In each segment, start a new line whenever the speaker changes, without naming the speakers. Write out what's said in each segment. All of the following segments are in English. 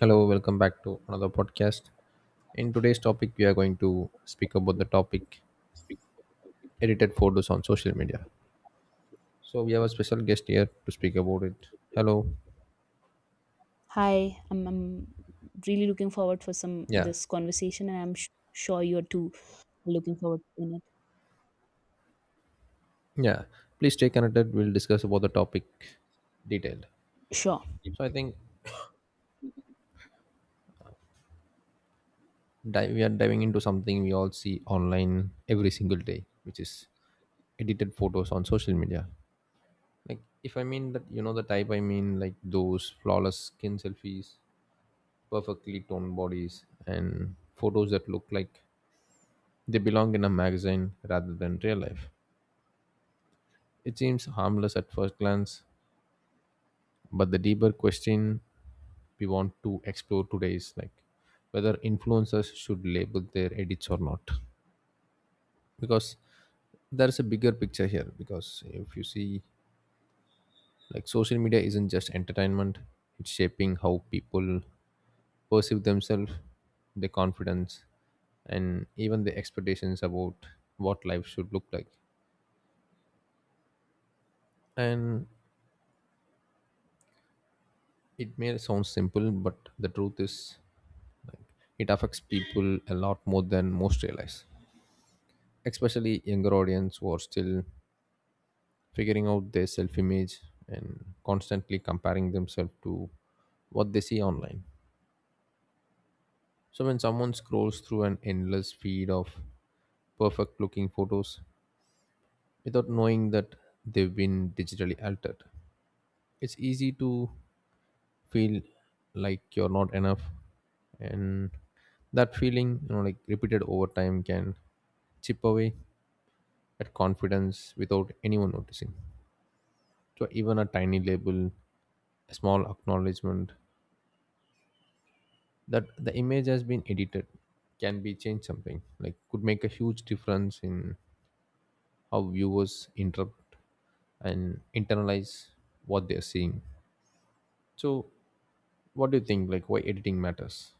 Hello, welcome back to another podcast. In today's topic, we are going to speak about the topic edited photos on social media. So we have a special guest here to speak about it. Hello.
Hi, I'm really looking forward for some
Yeah.
this conversation, and I'm sure you're too looking forward in it.
Yeah. Please stay connected. We'll discuss about the topic detailed.
Sure.
So I think we are diving into something we all see online every single day, which is edited photos on social media. Like if I mean that the type I mean, like those flawless skin selfies, perfectly toned bodies, and photos that look like they belong in a magazine rather than real life. It seems harmless at first glance, but the deeper question we want to explore today is like whether influencers should label their edits or not. Because there's a bigger picture here. Because if you see, like social media isn't just entertainment, it's shaping how people perceive themselves, their confidence, and even their expectations about what life should look like. And it may sound simple, but the truth is, it affects people a lot more than most realize, especially younger audience who are still figuring out their self image and constantly comparing themselves to what they see online. So when someone scrolls through an endless feed of perfect looking photos without knowing that they've been digitally altered, it's easy to feel like you're not enough, and that feeling, like repeated over time, can chip away at confidence without anyone noticing. So even a tiny label, a small acknowledgement that the image has been edited, can be changed something like could make a huge difference in how viewers interpret and internalize what they're seeing. So what do you think, like why editing matters?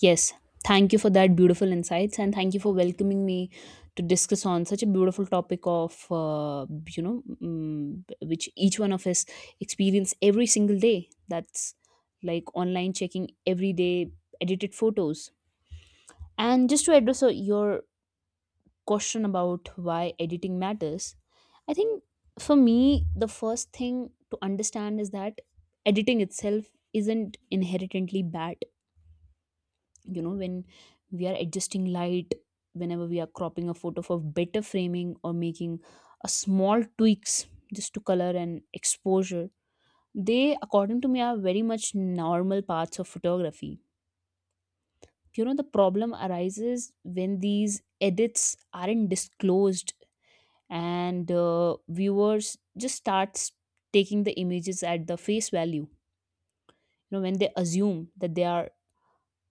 Yes. Thank you for that beautiful insights, and thank you for welcoming me to discuss on such a beautiful topic of which each one of us experience every single day. That's like online checking every day, edited photos, and just to address your question about why editing matters, I think for me, the first thing to understand is that editing itself isn't inherently bad. You know, when we are adjusting light, whenever we are cropping a photo for better framing or making a small tweaks just to color and exposure, they, according to me, are very much normal parts of photography. You know, the problem arises when these edits aren't disclosed and viewers just starts taking the images at the face value, you know, when they assume that they are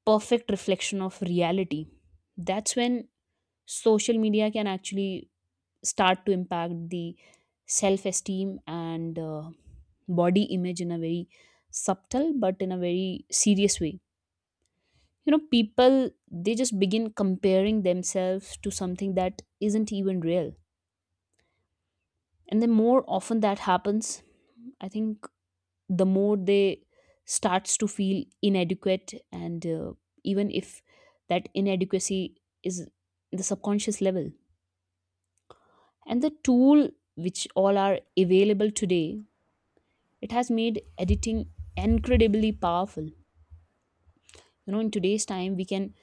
perfect reflection of reality. That's when social media can actually start to impact the self esteem and body image in a very subtle but in a very serious way. You know, people they just begin comparing themselves to something that isn't even real, and the more often that happens, I think the more they starts to feel inadequate, and even if that inadequacy is the subconscious level. And the tool which all are available today, it has made editing incredibly powerful. You know, in today's time we can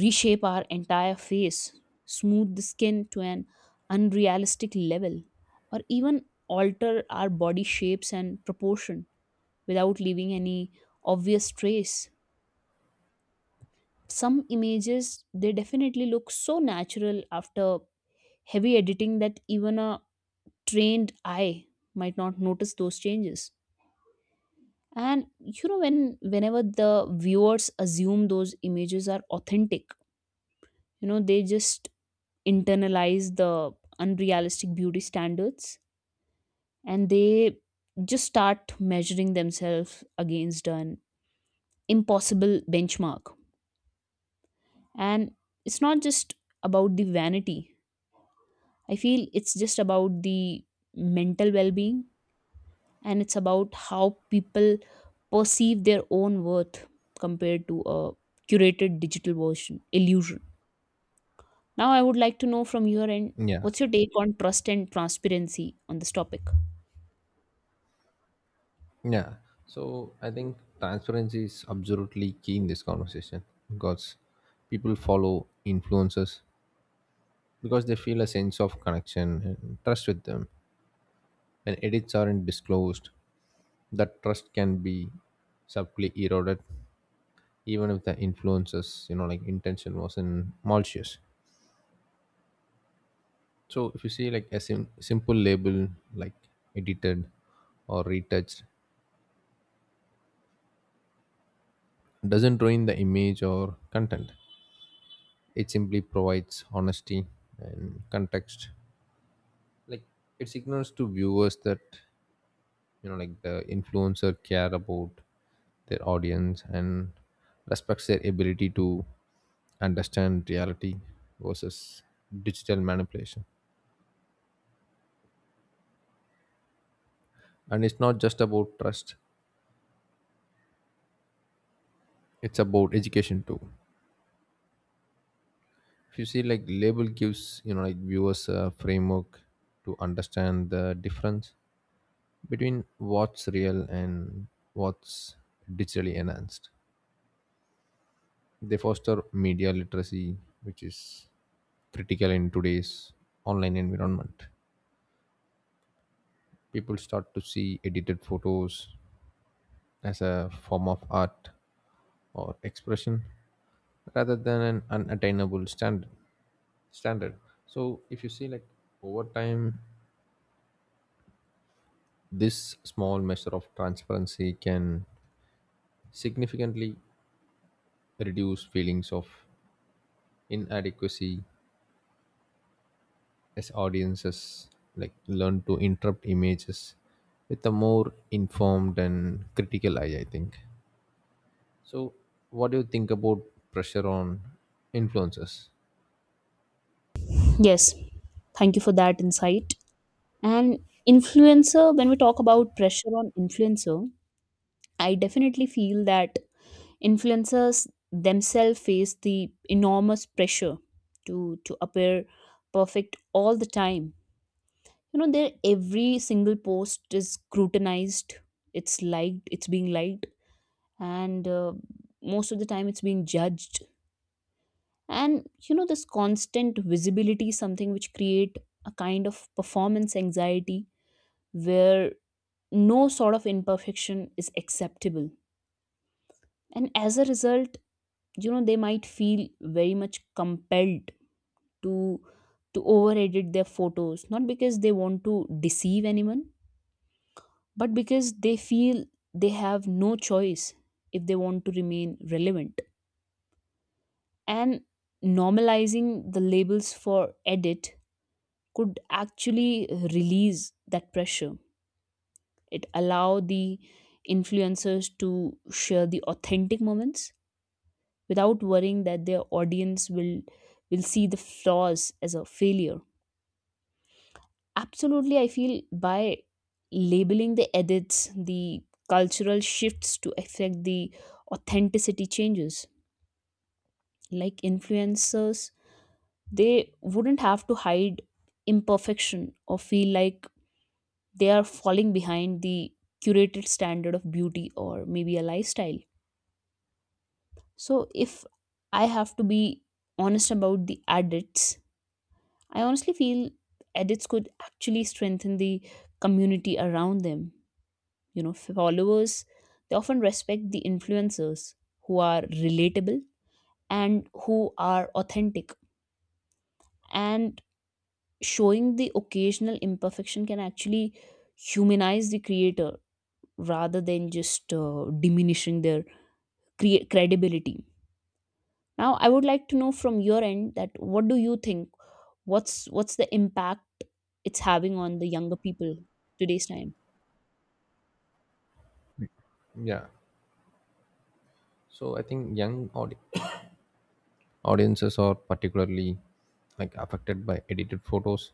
reshape our entire face, smooth the skin to an unrealistic level, or even alter our body shapes and proportion without leaving any obvious trace. Some images they definitely look so natural after heavy editing that even a trained eye might not notice those changes. And you know, whenever the viewers assume those images are authentic, you know they just internalize the unrealistic beauty standards, and they just start measuring themselves against an impossible benchmark. And it's not just about the vanity, I feel it's just about the mental well being, and it's about how people perceive their own worth compared to a curated digital version illusion. Now, I would like to know from your end
Yeah.
what's your take on trust and transparency on this topic?
Yeah. So I think transparency is absolutely key in this conversation because people follow influencers because they feel a sense of connection and trust with them. When edits aren't disclosed, that trust can be subtly eroded even if the influencers, like intention wasn't malicious. So if you see like a simple label like edited or retouched doesn't ruin the image or content. It simply provides honesty and context. Like it signals to viewers that like the influencer care about their audience and respects their ability to understand reality versus digital manipulation. And it's not just about trust; it's about education too. If you see, like label gives like viewers a framework to understand the difference between what's real and what's digitally enhanced. They foster media literacy, which is critical in today's online environment. People start to see edited photos as a form of art or expression rather than an unattainable standard standard. So if you see like over time, this small measure of transparency can significantly reduce feelings of inadequacy as audiences like learn to interpret images with a more informed and critical eye, I think. So what do you think about pressure on influencers?
Yes, thank you for that insight. And influencer, when we talk about pressure on influencer, I definitely feel that influencers themselves face the enormous pressure to appear perfect all the time. You know, their every single post is scrutinized, it's liked, it's being liked, and most of the time it's being judged. And you know, this constant visibility is something which create a kind of performance anxiety where no sort of imperfection is acceptable. And as a result, you know, they might feel very much compelled to to over edit their photos, not because they want to deceive anyone, but because they feel they have no choice if they want to remain relevant. And normalizing the labels for edit could actually release that pressure. It allow the influencers to share the authentic moments without worrying that their audience will see the flaws as a failure. Absolutely, I feel by labeling the edits, the cultural shifts to affect the authenticity changes. Like influencers, they wouldn't have to hide imperfection or feel like they are falling behind the curated standard of beauty or maybe a lifestyle. So, if I have to be honest about the edits, I honestly feel edits could actually strengthen the community around them. You know, followers, they often respect the influencers who are relatable and who are authentic. And showing the occasional imperfection can actually humanize the creator rather than just diminishing their credibility. Now, I would like to know from your end that what do you think? What's the impact it's having on the younger people today's time?
Yeah. So I think audiences are particularly like affected by edited photos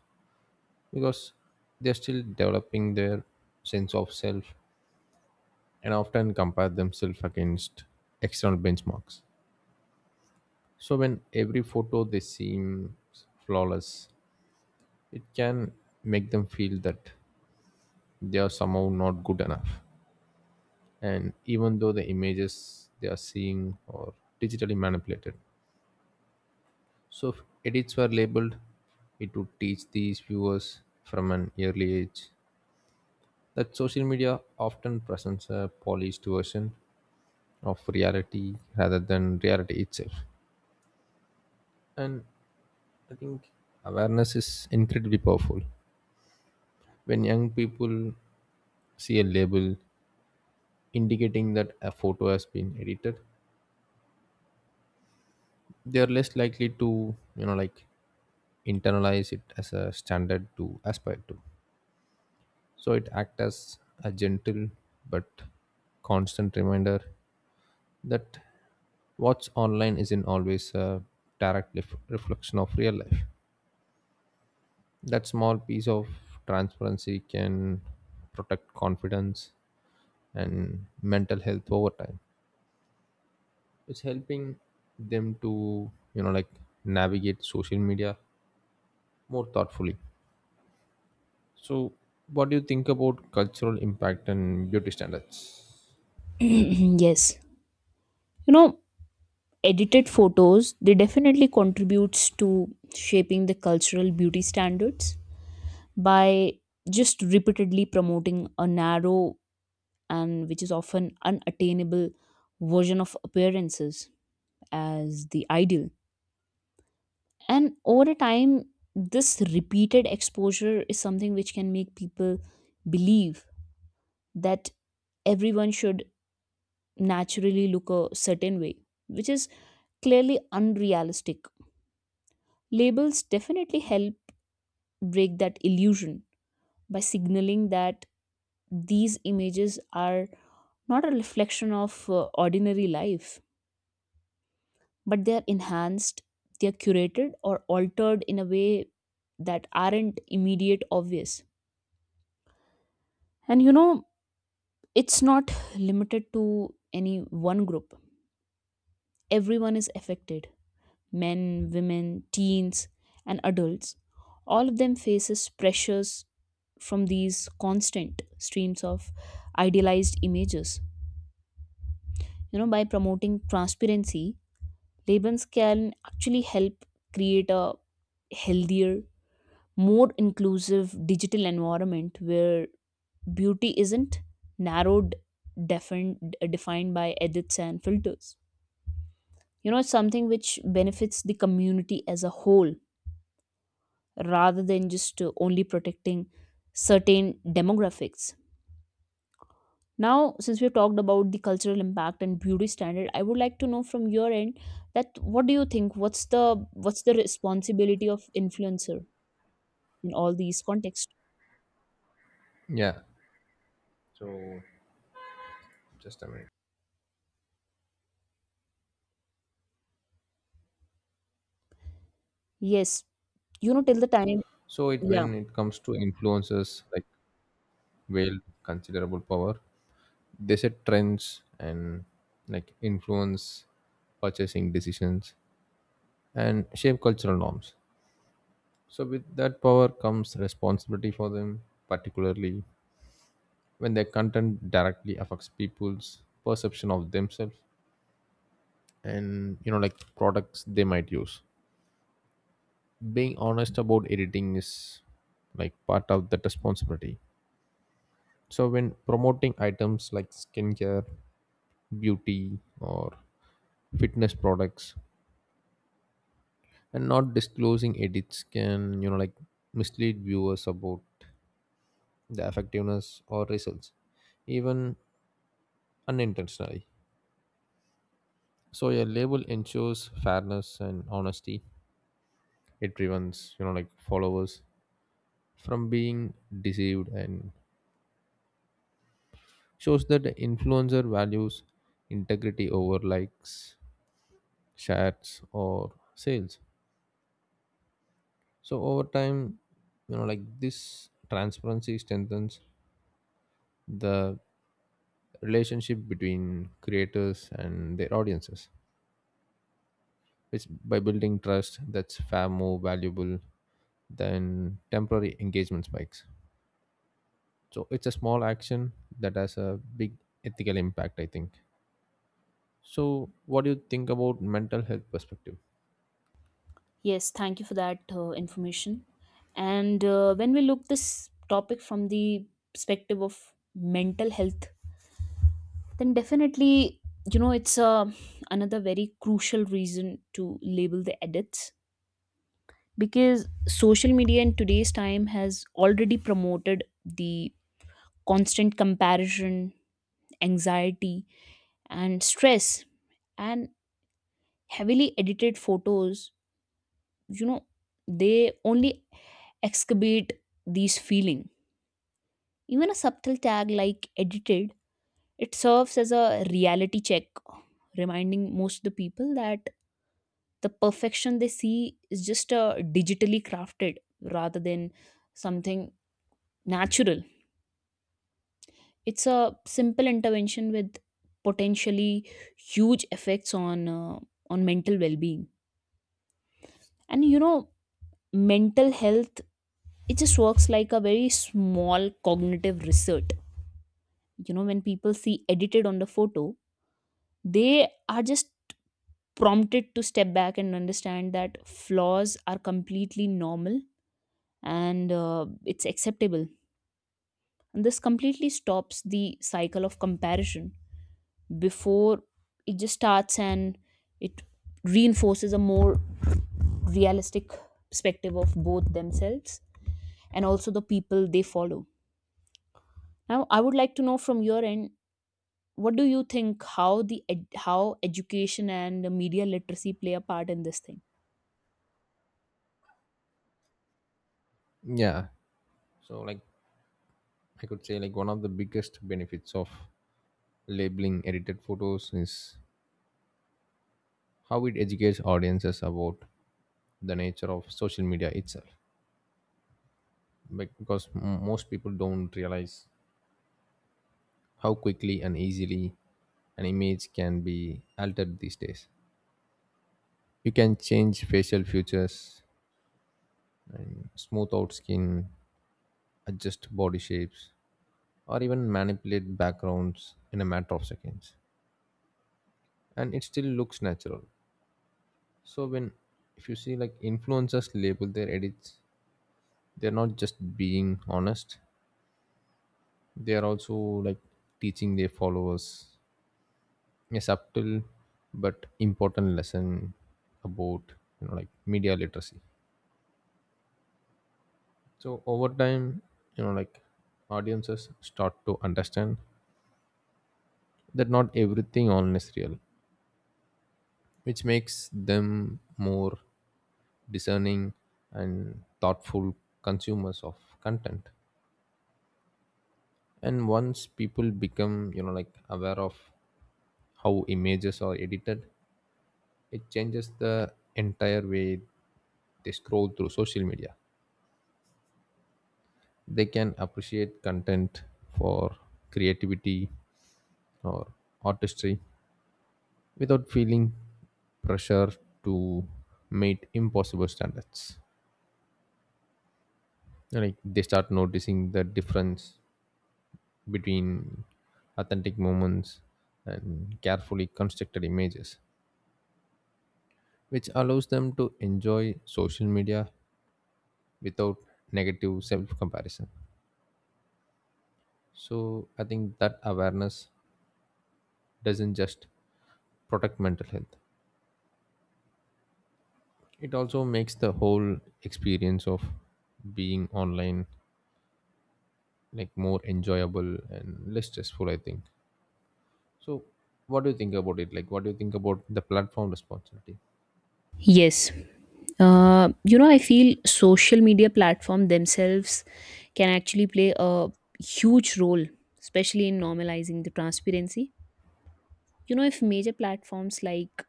because they're still developing their sense of self and often compare themselves against external benchmarks. So when every photo they seem flawless, it can make them feel that they are somehow not good enough, and even though the images they are seeing are digitally manipulated. So if edits were labeled, it would teach these viewers from an early age that social media often presents a polished version of reality rather than reality itself. And I think awareness is incredibly powerful. When young people see a label indicating that a photo has been edited, they are less likely to like internalize it as a standard to aspire to. So it acts as a gentle but constant reminder that what's online isn't always a direct reflection of real life. That small piece of transparency can protect confidence and mental health over time. It's helping them to like navigate social media more thoughtfully. So what do you think about cultural impact and beauty standards?
Yes, you know, edited photos they definitely contributes to shaping the cultural beauty standards by just repeatedly promoting a narrow and which is often unattainable version of appearances as the ideal. And over a time this repeated exposure is something which can make people believe that everyone should naturally look a certain way, which is clearly unrealistic. Labels definitely help break that illusion by signaling that these images are not a reflection of ordinary life, but they are enhanced, they are curated or altered in a way that aren't immediate obvious. And you know, it's not limited to any one group. Everyone is affected. Men, women, teens, and adults. All of them faces pressures from these constant streams of idealized images. You know, by promoting transparency labels can actually help create a healthier, more inclusive digital environment where beauty isn't narrowed, defined by edits and filters. You know, it's something which benefits the community as a whole rather than just only protecting certain demographics. Now, since we've talked about the cultural impact and beauty standard, I would like to know from your end that what do you think? What's the responsibility of influencer in all these contexts?
Yeah, so just a minute.
Yes, you know, till the time,
So it
yeah,
when it comes to influencers, like wield considerable power, they set trends and like influence purchasing decisions and shape cultural norms. So with that power comes responsibility for them, particularly when their content directly affects people's perception of themselves and like products they might use. Being honest about editing is like part of that responsibility. So when promoting items like skincare, beauty, or fitness products, and not disclosing edits can like mislead viewers about the effectiveness or results, even unintentionally. So a label ensures fairness and honesty. It prevents like followers from being deceived and shows that the influencer values integrity over likes, shares, or sales. So over time, like this transparency strengthens the relationship between creators and their audiences, which by building trust that's far more valuable than temporary engagement spikes. So it's a small action that has a big ethical impact, I think. So, what do you think about mental health perspective?
yes. Thank you for that information. And when we look this topic from the perspective of mental health, then definitely, you know, it's another very crucial reason to label the edits, because social media in today's time has already promoted the constant comparison, anxiety, and stress, and heavily edited photos, you know, they only excavate these feeling. Even a subtle tag like edited, it serves as a reality check, reminding most of the people that the perfection they see is just digitally crafted rather than something natural. It's a simple intervention with potentially huge effects on mental well-being. And you know, mental health it just works like a very small cognitive research. You know, when people see edited on the photo, they are just prompted to step back and understand that flaws are completely normal, and it's acceptable. And this completely stops the cycle of comparison before it just starts, and it reinforces a more realistic perspective of both themselves and also the people they follow. Now I would like to know from your end what do you think how how education and the media literacy play a part in this thing?
Yeah. So, like I could say, like one of the biggest benefits of labeling edited photos is how it educates audiences about the nature of social media itself. Because most people don't realize how quickly and easily an image can be altered these days. You can change facial features and smooth out skin, adjust body shapes, or even manipulate backgrounds in a matter of seconds and it still looks natural. So when if you see like influencers label their edits, they're not just being honest, they are also like teaching their followers a subtle but important lesson about like media literacy. So over time, like audiences start to understand that not everything online is real, which makes them more discerning and thoughtful consumers of content. And once people become like aware of how images are edited, it changes the entire way they scroll through social media. They can appreciate content for creativity or artistry without feeling pressure to meet impossible standards. Like they start noticing the difference between authentic moments and carefully constructed images, which allows them to enjoy social media without negative self comparison. So, I think that awareness doesn't just protect mental health, it also makes the whole experience of being online like more enjoyable and less stressful, I think. So, what do you think about it? Like, what do you think about the platform responsibility?
Yes, you know I feel social media platform themselves can actually play a huge role, especially in normalizing the transparency. You know, if major platforms like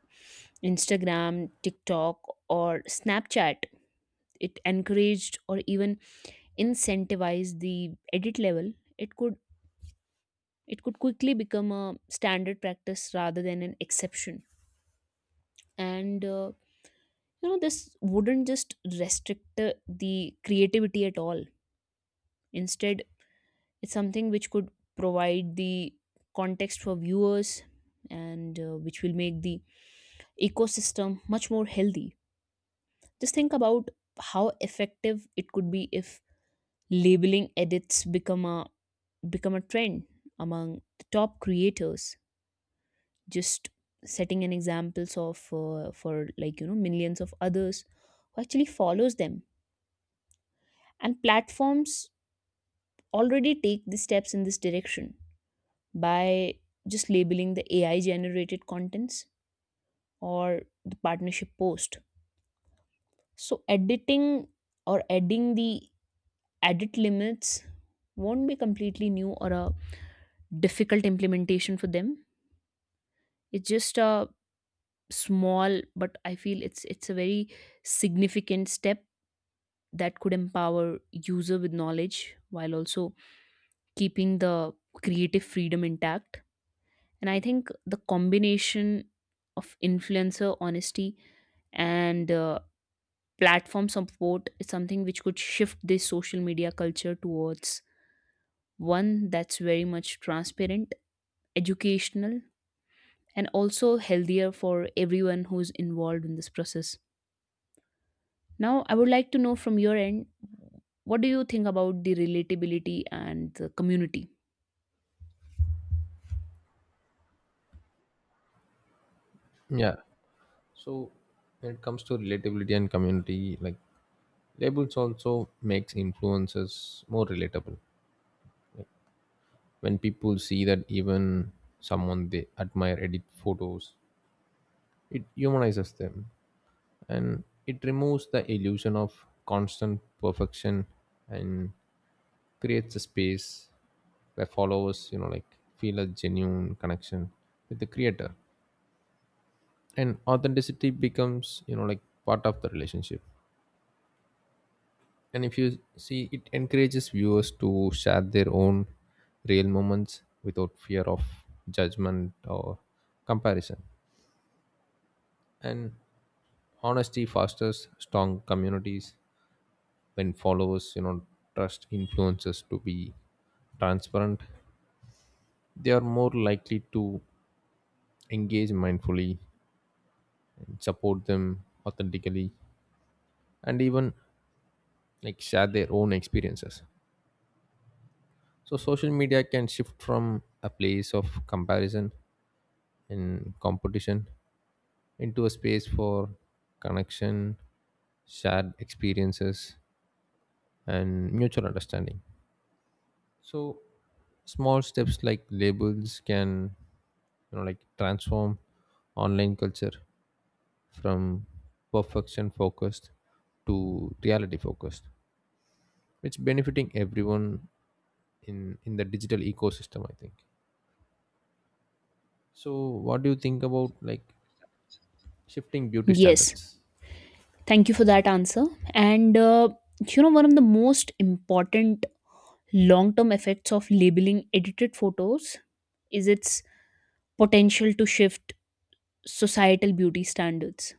Instagram, TikTok, or Snapchat, it encouraged or even incentivized the edit level, it could it could quickly become a standard practice rather than an exception. And you know this wouldn't just restrict the creativity at all. Instead, it's something which could provide the context for viewers and which will make the ecosystem much more healthy. Just think about how effective it could be if labeling edits become a trend among the top creators, just setting an examples of for like you know millions of others who actually follows them. And platforms already take the steps in this direction by just labeling the AI generated contents or the partnership post. So editing or adding the edit limits won't be completely new or a difficult implementation for them. It's just a small, but I feel it's a very significant step that could empower user with knowledge while also keeping the creative freedom intact. And I think the combination of influencer honesty and platform support is something which could shift this social media culture towards one that's very much transparent, educational, and also healthier for everyone who's involved in this process. Now, I would like to know from your end what do you think about the relatability and the community?
Yeah. So when it comes to relatability and community, like labels also makes influences more relatable. When people see that even someone they admire edit photos, it humanizes them and it removes the illusion of constant perfection and creates a space where followers, like feel a genuine connection with the creator. And authenticity becomes, like part of the relationship, and if you see it encourages viewers to share their own real moments without fear of judgment or comparison. And honesty fosters strong communities. When followers trust influencers to be transparent, they are more likely to engage mindfully and support them authentically, and even like share their own experiences. So social media can shift from a place of comparison and competition into a space for connection, shared experiences, and mutual understanding. So, small steps like labels can, like transform online culture from perfection focused to reality focused. It's benefiting everyone in the digital ecosystem, I think. So, what do you think about like shifting beauty
Yes,
standards?
thank you for that answer. And you know, one of the most important long term effects of labeling edited photos is its potential to shift societal beauty standards.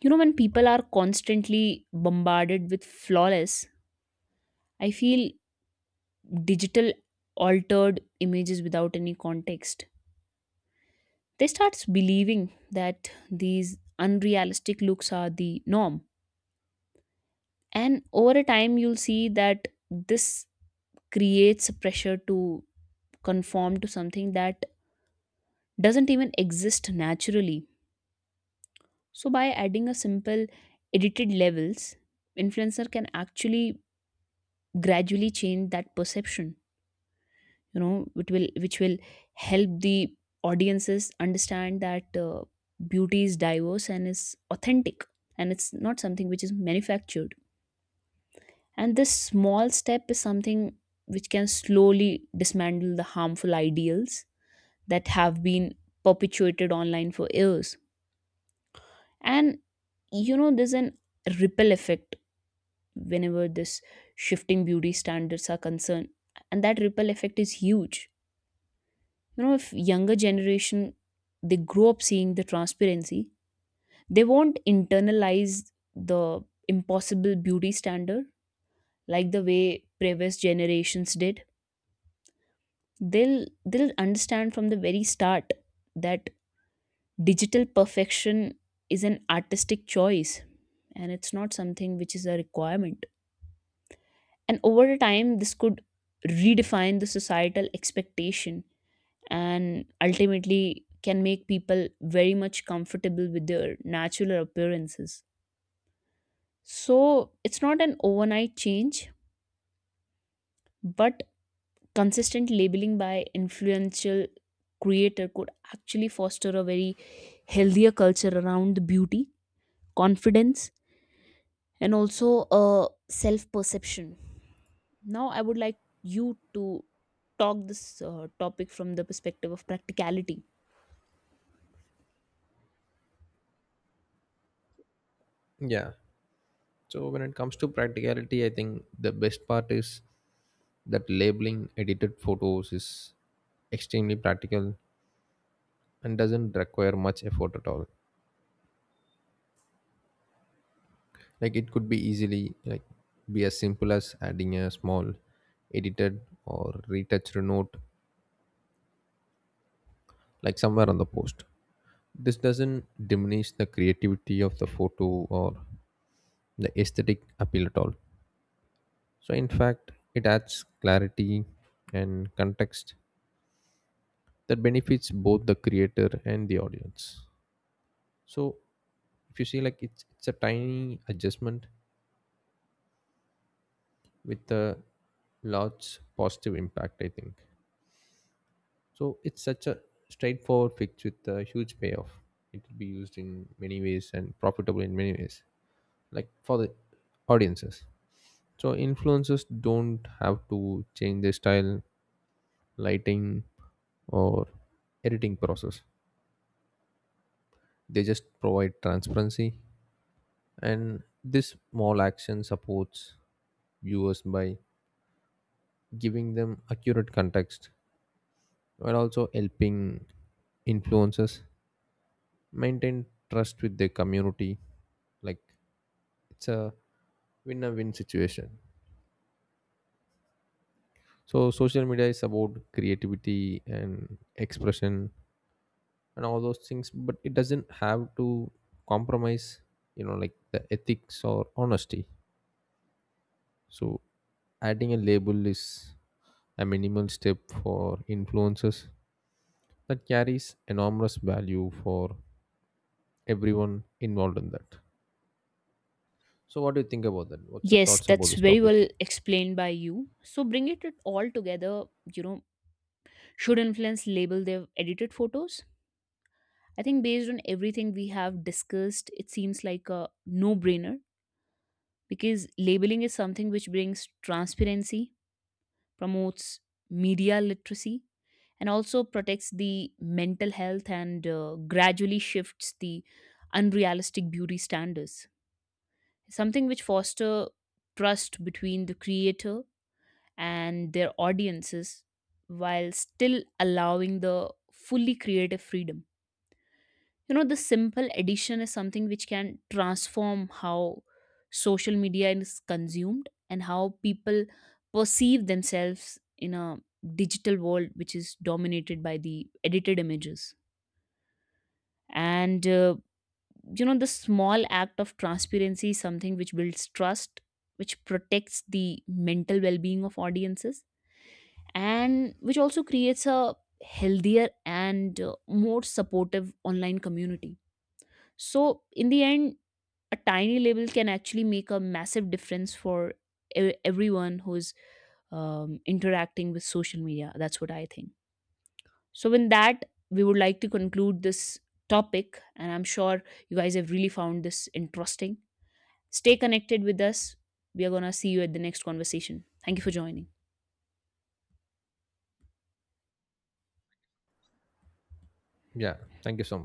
You know, when people are constantly bombarded with flawless, I feel digital altered images without any context, they starts believing that these unrealistic looks are the norm. And over a time you'll see that this creates a pressure to conform to something that doesn't even exist naturally. So by adding a simple edited levels, influencer can actually gradually change that perception. You know, it will which will help the audiences understand that beauty is diverse and is authentic, and it's not something which is manufactured. And this small step is something which can slowly dismantle the harmful ideals that have been perpetuated online for years. And you know, there's an ripple effect whenever this shifting beauty standards are concerned, and that ripple effect is huge. You know, if younger generation they grow up seeing the transparency, they won't internalize the impossible beauty standard like the way previous generations did. They'll understand from the very start that digital perfection is an artistic choice, and it's not something which is a requirement. And over time this could redefine the societal expectation and ultimately can make people very much comfortable with their natural appearances. So it's not an overnight change, but consistent labeling by influential creator could actually foster a very healthier culture around the beauty, confidence, and also a self perception. Now, I would like you to talk this topic from the perspective of practicality.
Yeah. So when it comes to practicality, I think the best part is that labeling edited photos is extremely practical and doesn't require much effort at all. Like it could be easily like be as simple as adding a small edited or retouched note like somewhere on the post. This doesn't diminish the creativity of the photo or the aesthetic appeal at all. So in fact, it adds clarity and context that benefits both the creator and the audience. So if you see like it's a tiny adjustment with a large positive impact, I think. So it's such a straightforward fix with a huge payoff. It will be used in many ways and profitable in many ways, like for the audiences. So influencers don't have to change their style, lighting, or editing process. They just provide transparency. And this small action supports viewers by giving them accurate context, while also helping influencers maintain trust with their community. Like it's a win situation. So social media is about creativity and expression and all those things, but it doesn't have to compromise, like the ethics or honesty. So adding a label is a minimal step for influencers that carries enormous value for everyone involved in that. So what do you think about that? What's your
Yes,
thoughts about
that's
this
very well
topic?
explained by you. So bring it all together, you know, should influence label their edited photos? I think based on everything we have discussed, it seems like a no-brainer, because labeling is something which brings transparency, promotes media literacy, and also protects the mental health, and gradually shifts the unrealistic beauty standards. Something which foster trust between the creator and their audiences while still allowing the fully creative freedom. You know, the simple addition is something which can transform how social media is consumed and how people perceive themselves in a digital world which is dominated by the edited images. And you know, the small act of transparency is something which builds trust, which protects the mental well being of audiences, and which also creates a healthier and more supportive online community. So, in the end, a tiny label can actually make a massive difference for everyone who's interacting with social media. That's what I think. So, with that, we would like to conclude this topic, and I'm sure you guys have really found this interesting. Stay connected with us. We are going to see you at the next conversation. Thank you for joining.
Yeah, thank you so